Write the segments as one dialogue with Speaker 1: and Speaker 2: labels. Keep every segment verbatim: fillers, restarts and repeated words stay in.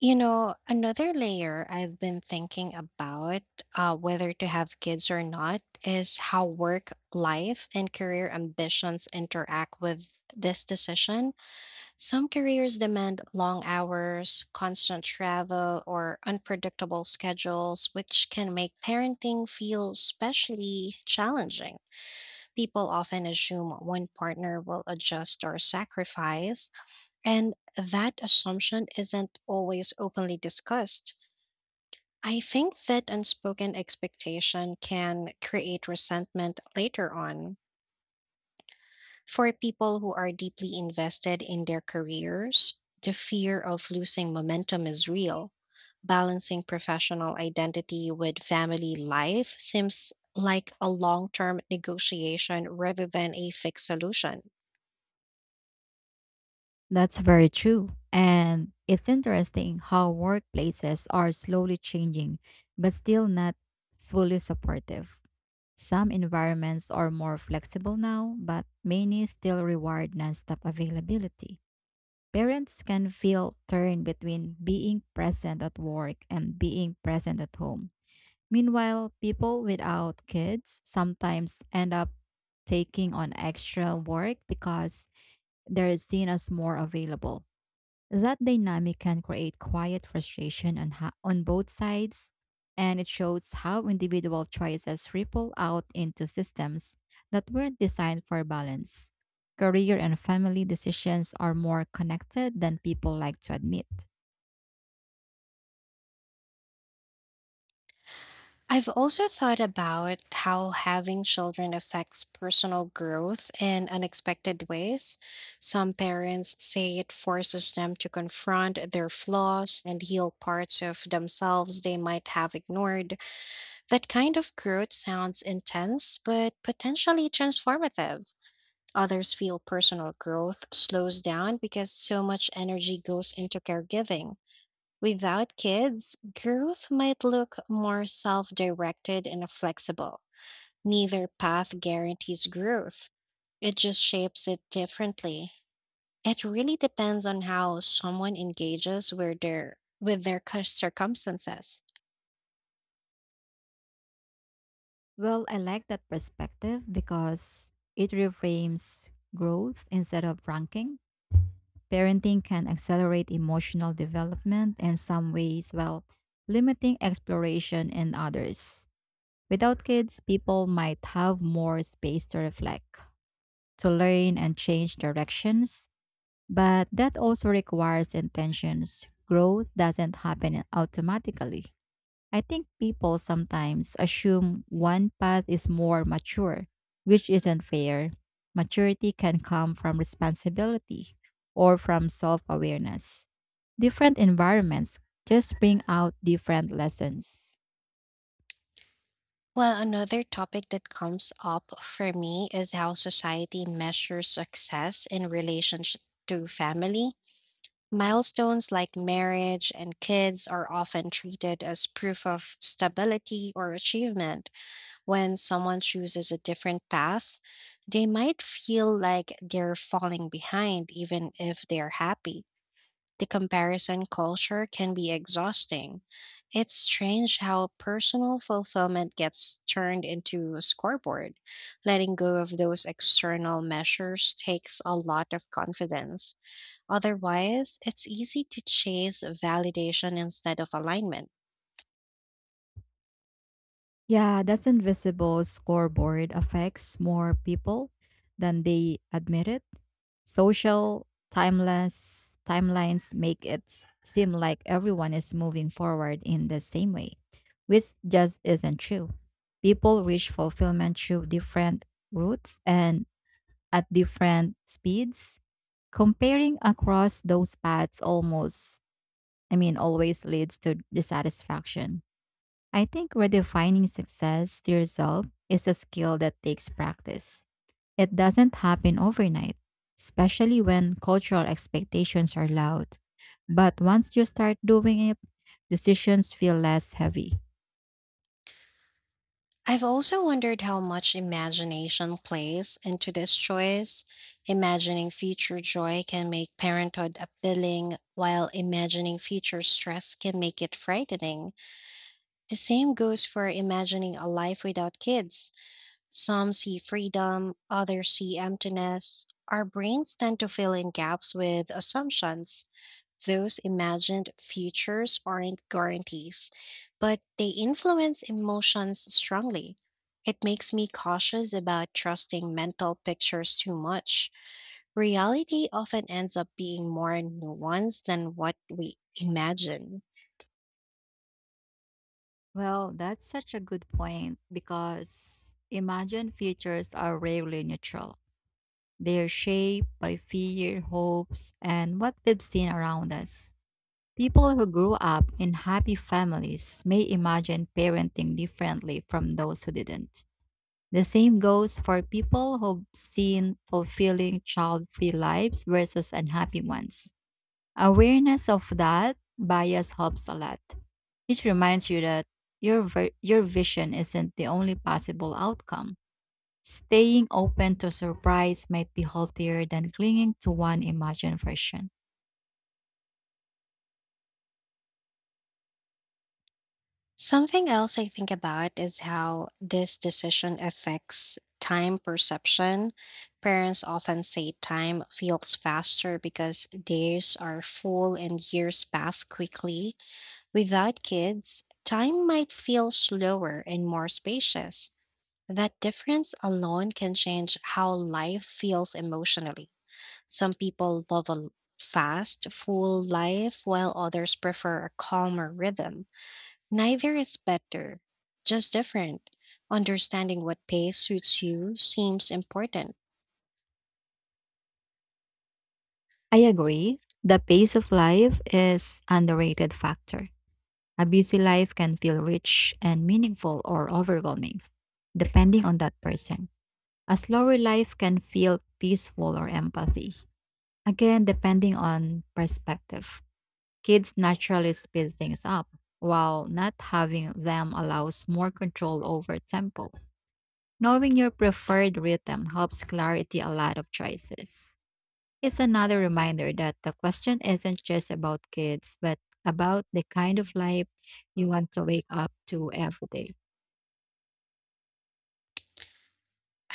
Speaker 1: You know, another layer I've been thinking about, uh, whether to have kids or not, is how work life and career ambitions interact with this decision. Some careers demand long hours, constant travel, or unpredictable schedules, which can make parenting feel especially challenging. People often assume one partner will adjust or sacrifice, and that assumption isn't always openly discussed. I think that unspoken expectation can create resentment later on. For people who are deeply invested in their careers, the fear of losing momentum is real. Balancing professional identity with family life seems like a long term negotiation rather than a fixed solution.
Speaker 2: That's very true. And it's interesting how workplaces are slowly changing, but still not fully supportive. Some environments are more flexible now, but many still reward nonstop availability. Parents can feel torn between being present at work and being present at home. Meanwhile, people without kids sometimes end up taking on extra work because they're seen as more available. That dynamic can create quiet frustration on, ho- on both sides, and it shows how individual choices ripple out into systems that weren't designed for balance. Career and family decisions are more connected than people like to admit.
Speaker 1: I've also thought about how having children affects personal growth in unexpected ways. Some parents say it forces them to confront their flaws and heal parts of themselves they might have ignored. That kind of growth sounds intense, but potentially transformative. Others feel personal growth slows down because so much energy goes into caregiving. Without kids, growth might look more self directed and flexible. Neither path guarantees growth, it just shapes it differently. It really depends on how someone engages with their, with their cir- circumstances.
Speaker 2: Well, I like that perspective because it reframes growth instead of ranking. Parenting can accelerate emotional development in some ways while limiting exploration in others. Without kids, people might have more space to reflect, to learn, and change directions. But that also requires intentions. Growth doesn't happen automatically. I think people sometimes assume one path is more mature, which isn't fair. Maturity can come from responsibility or from self awareness. Different environments just bring out different lessons.
Speaker 1: Well, another topic that comes up for me is how society measures success in relationship to family. Milestones like marriage and kids are often treated as proof of stability or achievement. When someone chooses a different path, they might feel like they're falling behind, even if they're happy. The comparison culture can be exhausting. It's strange how personal fulfillment gets turned into a scoreboard. Letting go of those external measures takes a lot of confidence. Otherwise, it's easy to chase validation instead of alignment.
Speaker 2: Yeah, that's invisible scoreboard affects more people than they admit it. Social timeless timelines make it s- seem like everyone is moving forward in the same way, which just isn't true. People reach fulfillment through different routes and at different speeds. Comparing across those paths almost, I mean, always leads to dissatisfaction. I think redefining success to yourself is a skill that takes practice. It doesn't happen overnight, especially when cultural expectations are loud. But once you start doing it, decisions feel less heavy.
Speaker 1: I've also wondered how much imagination plays into this choice. Imagining future joy can make parenthood appealing, while imagining future stress can make it frightening. The same goes for imagining a life without kids. Some see freedom, others see emptiness. Our brains tend to fill in gaps with assumptions. Those imagined futures aren't guarantees, but they influence emotions strongly. It makes me cautious about trusting mental pictures too much. Reality often ends up being more nuanced than what we imagine.
Speaker 2: Well, that's such a good point because imagine futures are rarely neutral. They are shaped by fear, hopes, and what we've seen around us. People who grew up in happy families may imagine parenting differently from those who didn't. The same goes for people who've seen fulfilling child free lives versus unhappy ones. Awareness of that bias helps a lot. It reminds you that your, ver- your vision isn't the only possible outcome. Staying open to surprise might be healthier than clinging to one imagined version.
Speaker 1: Something else I think about is how this decision affects time perception. Parents often say time feels faster because days are full and years pass quickly. Without kids, time might feel slower and more spacious. That difference alone can change how life feels emotionally. Some people love a fast, full life, while others prefer a calmer rhythm. Neither is better, just different. Understanding what pace suits you seems important.
Speaker 2: I agree. The pace of life is underrated factor. A busy life can feel rich and meaningful or overwhelming, depending on that person. A slower life can feel peaceful or empathy. Again, depending on perspective. Kids naturally speed things up, while not having them allows more control over tempo. Knowing your preferred rhythm helps clarity a lot of choices. It's another reminder that the question isn't just about kids, but about the kind of life you want to wake up to every day.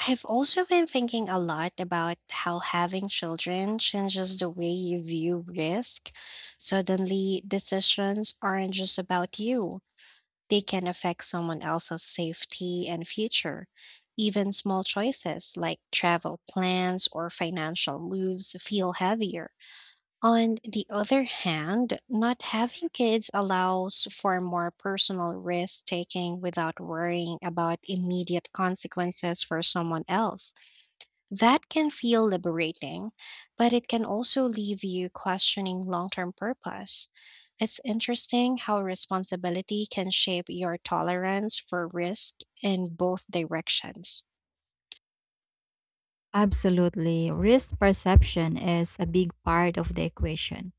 Speaker 1: I've also been thinking a lot about how having children changes the way you view risk. Suddenly, decisions aren't just about you, they can affect someone else's safety and future. Even small choices like travel plans or financial moves feel heavier. On the other hand, not having kids allows for more personal risk taking without worrying about immediate consequences for someone else. That can feel liberating, but it can also leave you questioning long term purpose. It's interesting how responsibility can shape your tolerance for risk in both directions.
Speaker 2: Absolutely. Risk perception is a big part of the equation.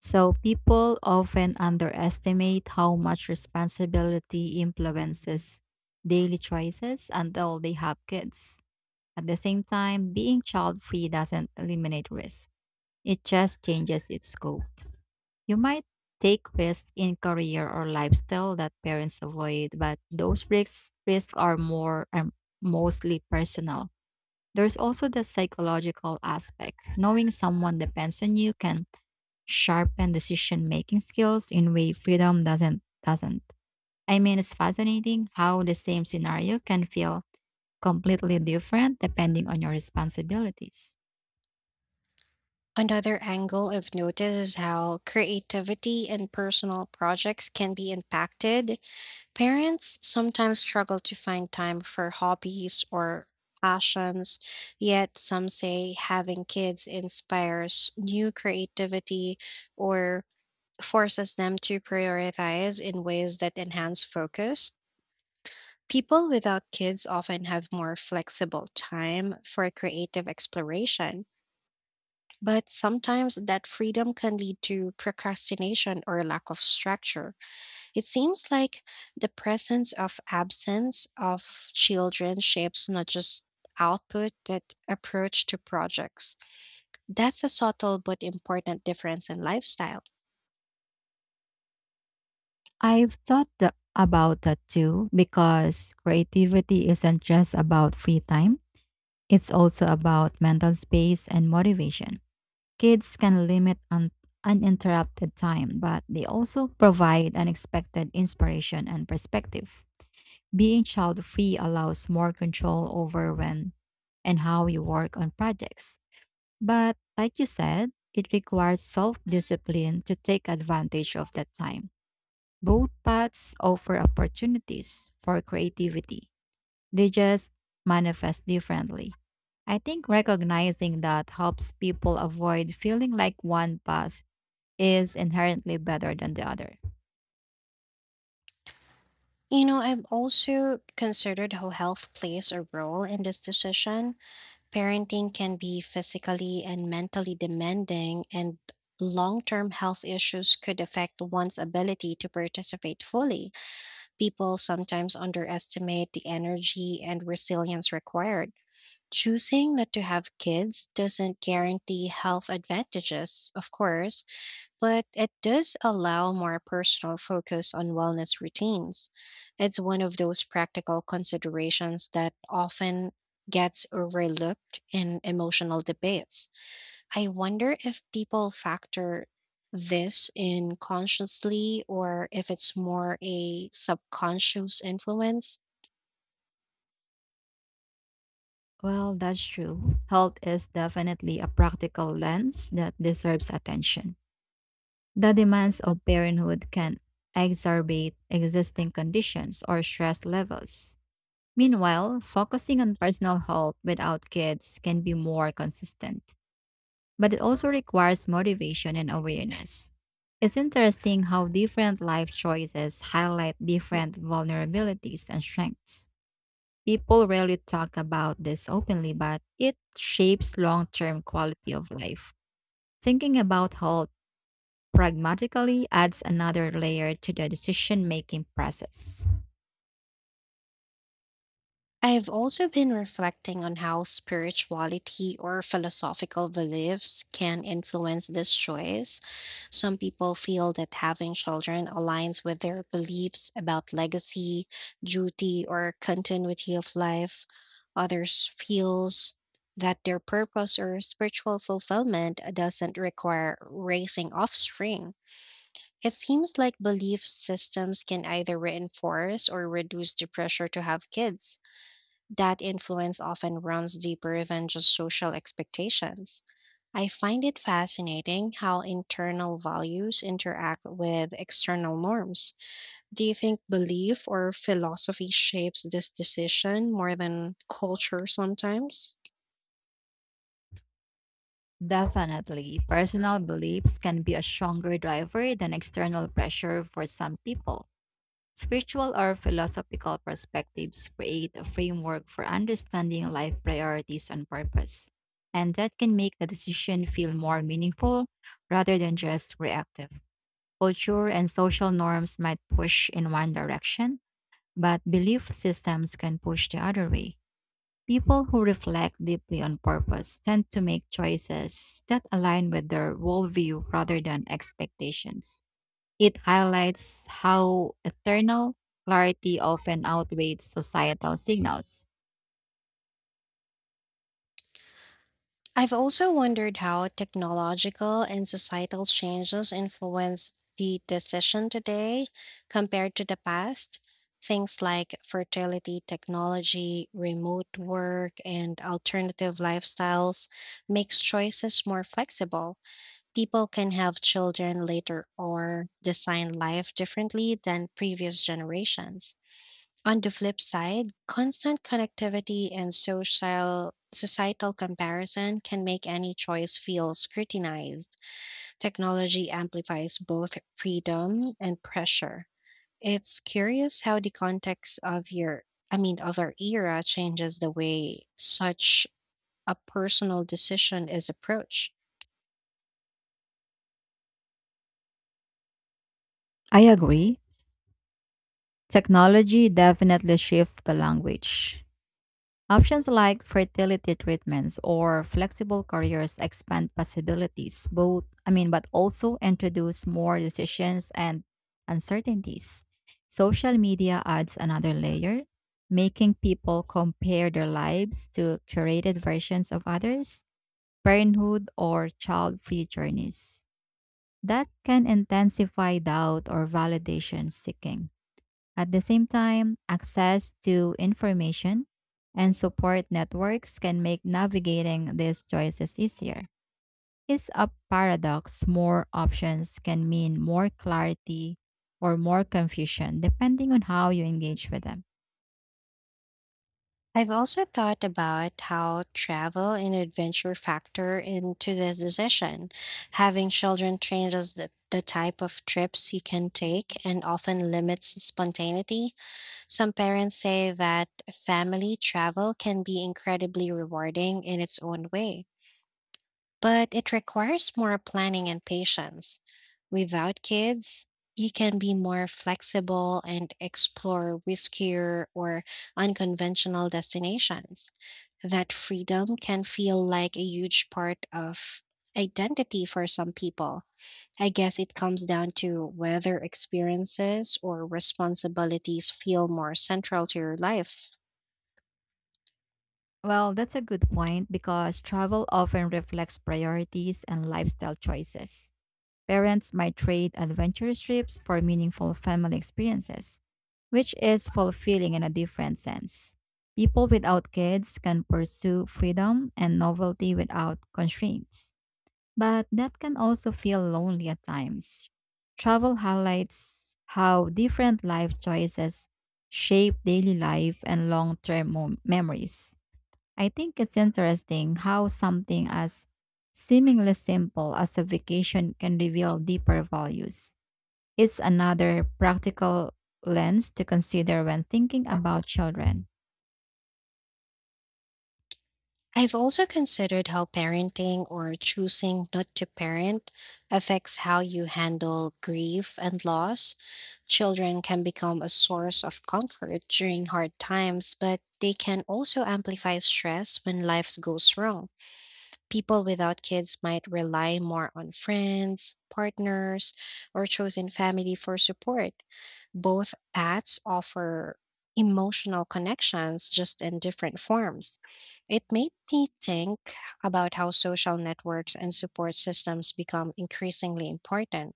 Speaker 2: So people often underestimate how much responsibility influences daily choices until they have kids. At the same time, being child free doesn't eliminate risk, it just changes its scope. You might take risks in career or lifestyle that parents avoid, but those risks risks are more um, mostly personal. There's also the psychological aspect. Knowing someone depends on you can sharpen decision making skills in way freedom doesn't doesn't. I mean it's fascinating how the same scenario can feel completely different depending on your responsibilities.
Speaker 1: Another angle I've noticed is how creativity and personal projects can be impacted. Parents sometimes struggle to find time for hobbies or passions, yet some say having kids inspires new creativity or forces them to prioritize in ways that enhance focus. People without kids often have more flexible time for creative exploration, but sometimes that freedom can lead to procrastination or lack of structure. It seems like the presence of absence of children shapes not just output but approach to projects. That's a subtle but important difference in lifestyle.
Speaker 2: I've thought tha- about that too because creativity isn't just about free time, it's also about mental space and motivation. Kids can limit un- uninterrupted time, but they also provide unexpected inspiration and perspective. Being child free allows more control over when and how you work on projects. But like you said, it requires self discipline to take advantage of that time. Both paths offer opportunities for creativity. They just manifest differently. I think recognizing that helps people avoid feeling like one path is inherently better than the other.
Speaker 1: You know, I've also considered how health plays a role in this decision. Parenting can be physically and mentally demanding, and long term health issues could affect one's ability to participate fully. People sometimes underestimate the energy and resilience required. Choosing not to have kids doesn't guarantee health advantages, of course, but it does allow more personal focus on wellness routines. It's one of those practical considerations that often gets overlooked in emotional debates. I wonder if people factor this in consciously or if it's more a subconscious influence.
Speaker 2: Well, that's true. Health is definitely a practical lens that deserves attention. The demands of parenthood can exacerbate existing conditions or stress levels. Meanwhile, focusing on personal health without kids can be more consistent, but it also requires motivation and awareness. It's interesting how different life choices highlight different vulnerabilities and strengths. People rarely talk about this openly, but it shapes long term quality of life. Thinking about health pragmatically adds another layer to the decision making process.
Speaker 1: I have also been reflecting on how spirituality or philosophical beliefs can influence this choice. Some people feel that having children aligns with their beliefs about legacy, duty, or continuity of life. Others feels that their purpose or spiritual fulfillment doesn't require raising offspring. It seems like belief systems can either reinforce or reduce the pressure to have kids. That influence often runs deeper than just social expectations. I find it fascinating how internal values interact with external norms. Do you think belief or philosophy shapes this decision more than culture sometimes?
Speaker 2: Definitely, personal beliefs can be a stronger driver than external pressure for some people. Spiritual or philosophical perspectives create a framework for understanding life priorities and purpose, and that can make the decision feel more meaningful rather than just reactive. Culture and social norms might push in one direction, but belief systems can push the other way. People who reflect deeply on purpose tend to make choices that align with their worldview rather than expectations. It highlights how eternal clarity often outweighs societal signals.
Speaker 1: I've also wondered how technological and societal changes influence the decision today compared to the past. Things like fertility technology, remote work, and alternative lifestyles makes choices more flexible. People can have children later or design life differently than previous generations. On the flip side, constant connectivity and social societal comparison can make any choice feel scrutinized. Technology amplifies both freedom and pressure. It's curious how the context of your I mean of our era changes the way such a personal decision is approached.
Speaker 2: I agree. Technology definitely shifts the language. Options like fertility treatments or flexible careers expand possibilities, both, I mean, but also introduce more decisions and uncertainties. Social media adds another layer, making people compare their lives to curated versions of others, parenthood, or child free journeys. That can intensify doubt or validation seeking. At the same time, access to information and support networks can make navigating these choices easier. It's a paradox. More options can mean more clarity or more confusion, depending on how you engage with them.
Speaker 1: I've also thought about how travel and adventure factor into this decision. Having children changes the, the type of trips you can take and often limits spontaneity. Some parents say that family travel can be incredibly rewarding in its own way, but it requires more planning and patience. Without kids, you can be more flexible and explore riskier or unconventional destinations. That freedom can feel like a huge part of identity for some people. I guess it comes down to whether experiences or responsibilities feel more central to your life.
Speaker 2: Well, that's a good point because travel often reflects priorities and lifestyle choices. Parents might trade adventurous trips for meaningful family experiences, which is fulfilling in a different sense. People without kids can pursue freedom and novelty without constraints, but that can also feel lonely at times. Travel highlights how different life choices shape daily life and long term memories. I think it's interesting how something as seemingly simple as a vacation can reveal deeper values. It's another practical lens to consider when thinking about children.
Speaker 1: I've also considered how parenting or choosing not to parent affects how you handle grief and loss. Children can become a source of comfort during hard times, but they can also amplify stress when life goes wrong. People without kids might rely more on friends, partners, or chosen family for support. Both paths offer emotional connections just in different forms. It made me think about how social networks and support systems become increasingly important.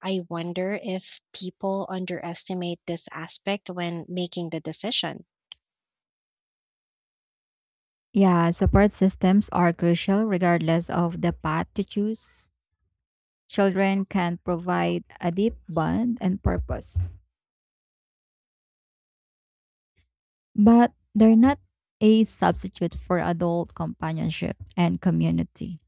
Speaker 1: I wonder if people underestimate this aspect when making the decision.
Speaker 2: Yeah, support systems are crucial regardless of the path to choose. Children can provide a deep bond and purpose, but they're not a substitute for adult companionship and community.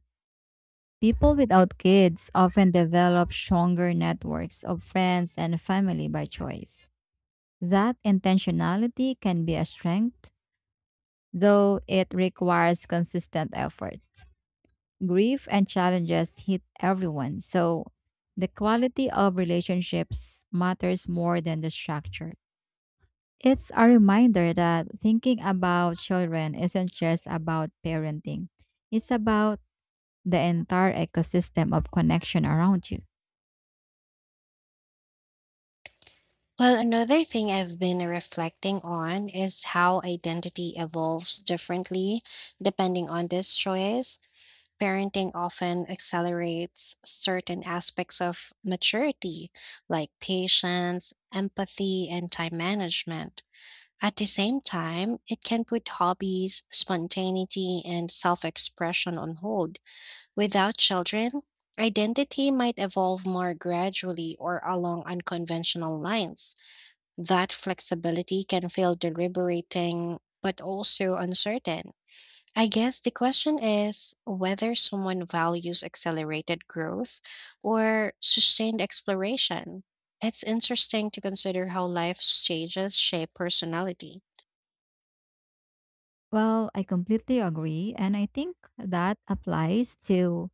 Speaker 2: People without kids often develop stronger networks of friends and family by choice. That intentionality can be a strength, though it requires consistent effort. Grief and challenges hit everyone, so the quality of relationships matters more than the structure. It's a reminder that thinking about children isn't just about parenting, it's about the entire ecosystem of connection around you.
Speaker 1: Well, another thing I've been reflecting on is how identity evolves differently depending on this choice. Parenting often accelerates certain aspects of maturity, like patience, empathy, and time management. At the same time, it can put hobbies, spontaneity, and self expression on hold. Without children, identity might evolve more gradually or along unconventional lines that flexibility can feel deliberating, but also uncertain. I guess the question is whether someone values accelerated growth or sustained exploration. It's interesting to consider how life's stages shape personality.
Speaker 2: Well, I completely agree. And I think that applies to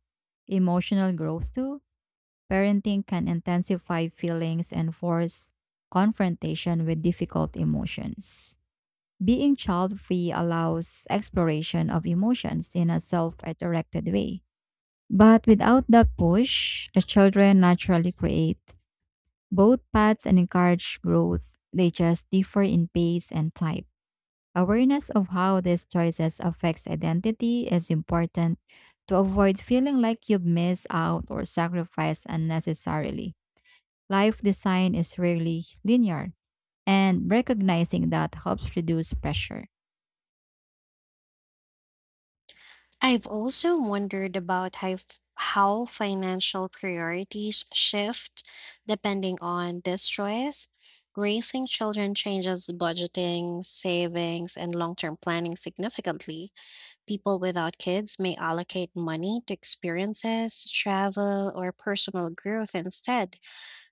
Speaker 2: emotional growth too. Parenting can intensify feelings and force confrontation with difficult emotions. Being child free allows exploration of emotions in a self directed way. But without that push, the children naturally create both paths and encourage growth. They just differ in pace and type. Awareness of how these choices affects identity is important to avoid feeling like you've missed out or sacrificed unnecessarily. Life design is rarely linear, and recognizing that helps reduce pressure.
Speaker 1: I've also wondered about how, f- how financial priorities shift depending on distress. Raising children changes budgeting, savings, and long term planning significantly. People without kids may allocate money to experiences, travel, or personal growth instead.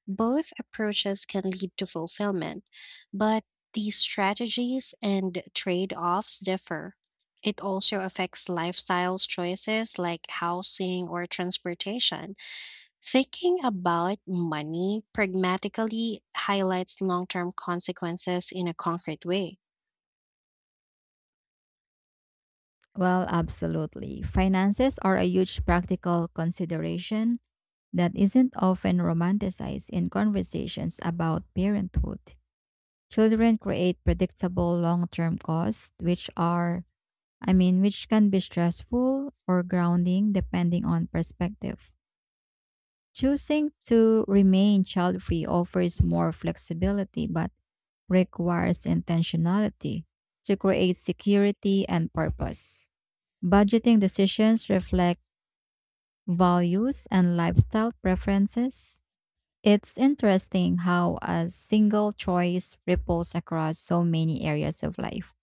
Speaker 1: Both approaches can lead to fulfillment, but the strategies and trade offs differ. It also affects lifestyles choices like housing or transportation. Thinking about money pragmatically highlights long term consequences in a concrete way.
Speaker 2: Well, absolutely. Finances are a huge practical consideration that isn't often romanticized in conversations about parenthood. Children create predictable long-term costs, which are I mean, which can be stressful or grounding depending on perspective. Choosing to remain child free offers more flexibility but requires intentionality to create security and purpose. Budgeting decisions reflect values and lifestyle preferences. It's interesting how a single choice ripples across so many areas of life.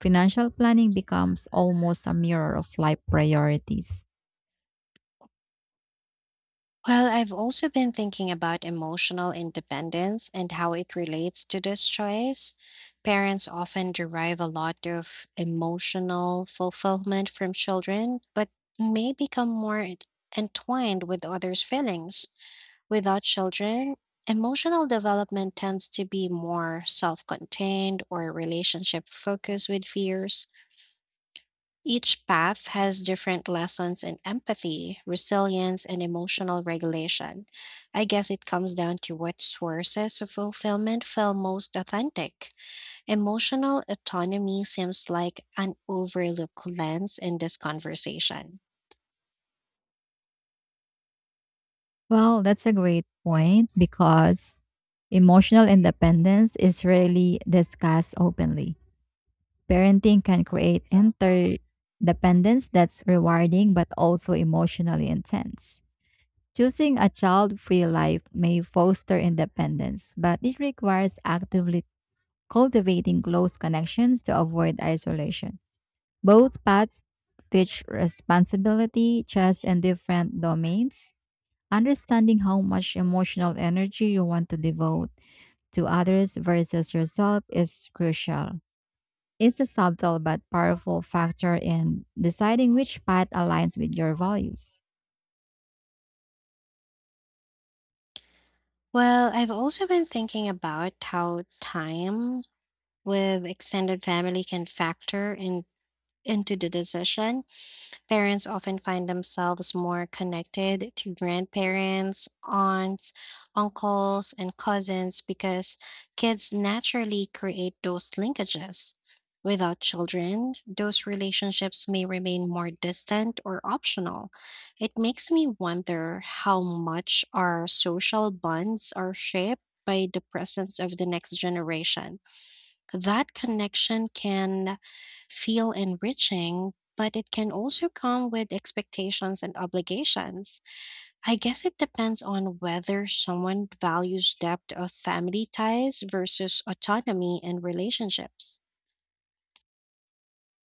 Speaker 2: Financial planning becomes almost a mirror of life priorities.
Speaker 1: Well, I've also been thinking about emotional independence and how it relates to this choice. Parents often derive a lot of emotional fulfillment from children, but may become more ent- entwined with others' feelings. Without children, emotional development tends to be more self contained or relationship focused with fears. Each path has different lessons in empathy, resilience, and emotional regulation. I guess it comes down to what sources of fulfillment feel most authentic. Emotional autonomy seems like an overlooked lens in this conversation.
Speaker 2: Well, that's a great point because emotional independence is rarely discussed openly. Parenting can create interdependence that's rewarding but also emotionally intense. Choosing a child free life may foster independence, but it requires actively cultivating close connections to avoid isolation. Both paths teach responsibility just in different domains. Understanding how much emotional energy you want to devote to others versus yourself is crucial. It's a subtle but powerful factor in deciding which path aligns with your values.
Speaker 1: Well, I've also been thinking about how time with extended family can factor in, into the decision. Parents often find themselves more connected to grandparents, aunts, uncles, and cousins because kids naturally create those linkages. Without children, those relationships may remain more distant or optional. It makes me wonder how much our social bonds are shaped by the presence of the next generation. That connection can feel enriching, but it can also come with expectations and obligations. I guess it depends on whether someone values depth of family ties versus autonomy in relationships.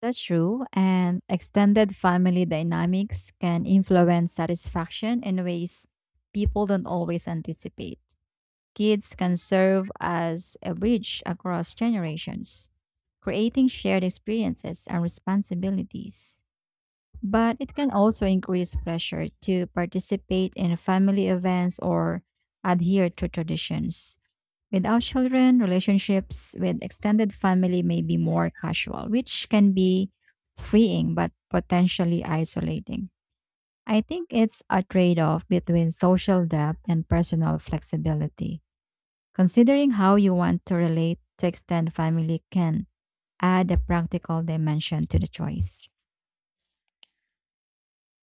Speaker 2: That's true, and extended family dynamics can influence satisfaction in ways people don't always anticipate. Kids can serve as a bridge across generations, creating shared experiences and responsibilities. But it can also increase pressure to participate in family events or adhere to traditions. Without children, relationships with extended family may be more casual, which can be freeing but potentially isolating. I think it's a trade off between social depth and personal flexibility. Considering how you want to relate to extend family can add a practical dimension to the choice.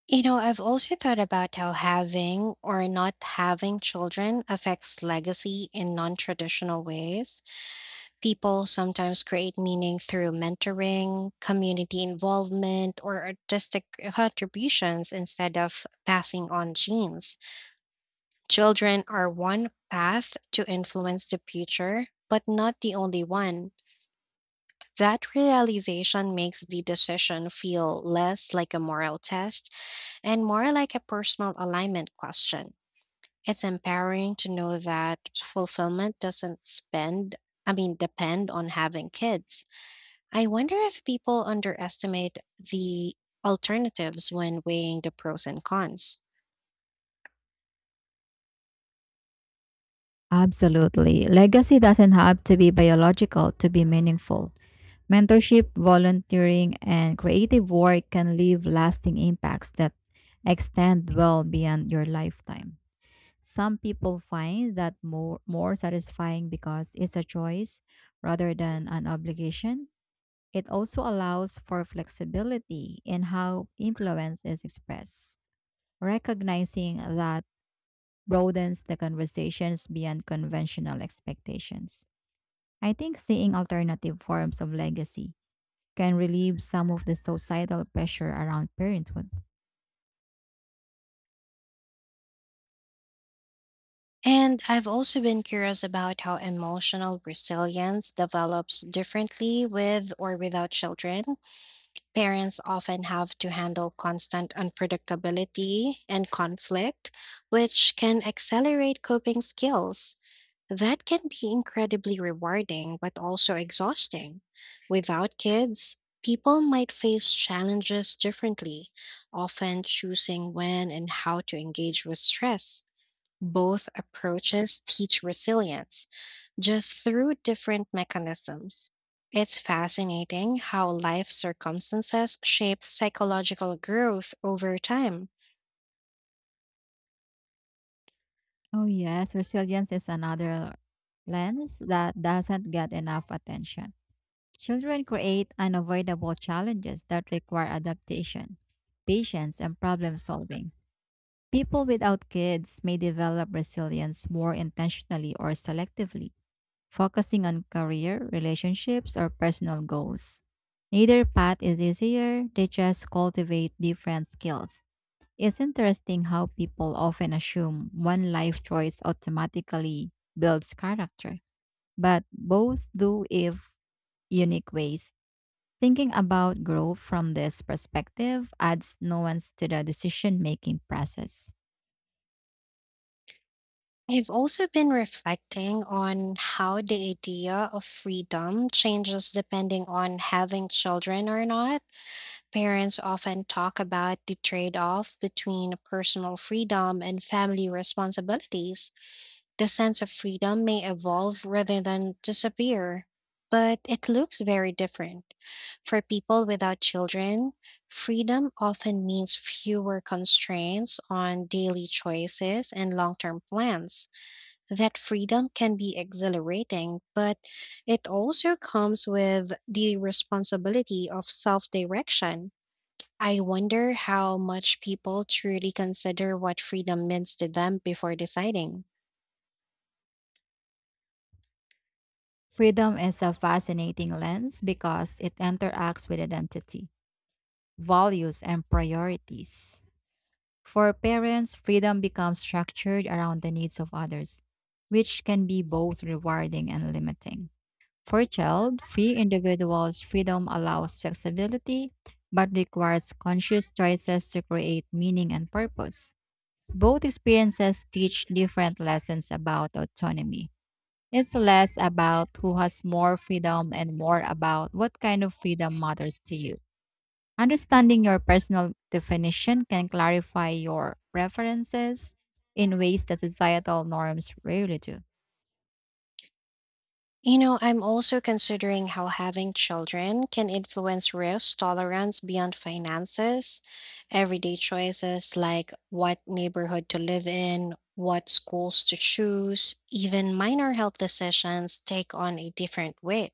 Speaker 1: You know, I've also thought about how having or not having children affects legacy in non traditional ways. People sometimes create meaning through mentoring, community involvement, or artistic contributions instead of passing on genes. Children are one path to influence the future, but not the only one. That realization makes the decision feel less like a moral test and more like a personal alignment question. It's empowering to know that fulfillment doesn't spend, I mean, depend on having kids. I wonder if people underestimate the alternatives when weighing the pros and cons.
Speaker 2: Absolutely. Legacy doesn't have to be biological to be meaningful. Mentorship, volunteering, and creative work can leave lasting impacts that extend well beyond your lifetime. Some people find that more, more satisfying because it's a choice rather than an obligation. It also allows for flexibility in how influence is expressed, recognizing that broadens the conversations beyond conventional expectations. I think seeing alternative forms of legacy can relieve some of the societal pressure around parenthood.
Speaker 1: And I've also been curious about how emotional resilience develops differently with or without children parents often have to handle constant unpredictability and conflict, which can accelerate coping skills. That can be incredibly rewarding, but also exhausting. Without kids, people might face challenges differently, often choosing when and how to engage with stress. Both approaches teach resilience, just through different mechanisms. It's fascinating how life circumstances shape psychological growth over time.
Speaker 2: Oh, yes, resilience is another lens that doesn't get enough attention. Children create unavoidable challenges that require adaptation, patience, and problem solving. People without kids may develop resilience more intentionally or selectively, focusing on career, relationships, or personal goals. Neither path is easier, they just cultivate different skills. It's interesting how people often assume one life choice automatically builds character, but both do if unique ways. Thinking about growth from this perspective adds nuance to the decision making process.
Speaker 1: I've also been reflecting on how the idea of freedom changes depending on having children or not. Parents often talk about the trade off between personal freedom and family responsibilities. The sense of freedom may evolve rather than disappear, but it looks very different. For people without children, freedom often means fewer constraints on daily choices and long term plans. That freedom can be exhilarating, but it also comes with the responsibility of self direction. I wonder how much people truly consider what freedom means to them before deciding.
Speaker 2: Freedom is a fascinating lens because it interacts with identity, values, and priorities. For parents, freedom becomes structured around the needs of others, which can be both rewarding and limiting. For child, free individuals, freedom allows flexibility but requires conscious choices to create meaning and purpose. Both experiences teach different lessons about autonomy. It's less about who has more freedom and more about what kind of freedom matters to you. Understanding your personal definition can clarify your preferences in ways that societal norms rarely do.
Speaker 1: You know, I'm also considering how having children can influence risk tolerance beyond finances, everyday choices like what neighborhood to live in, what schools to choose, even minor health decisions take on a different weight.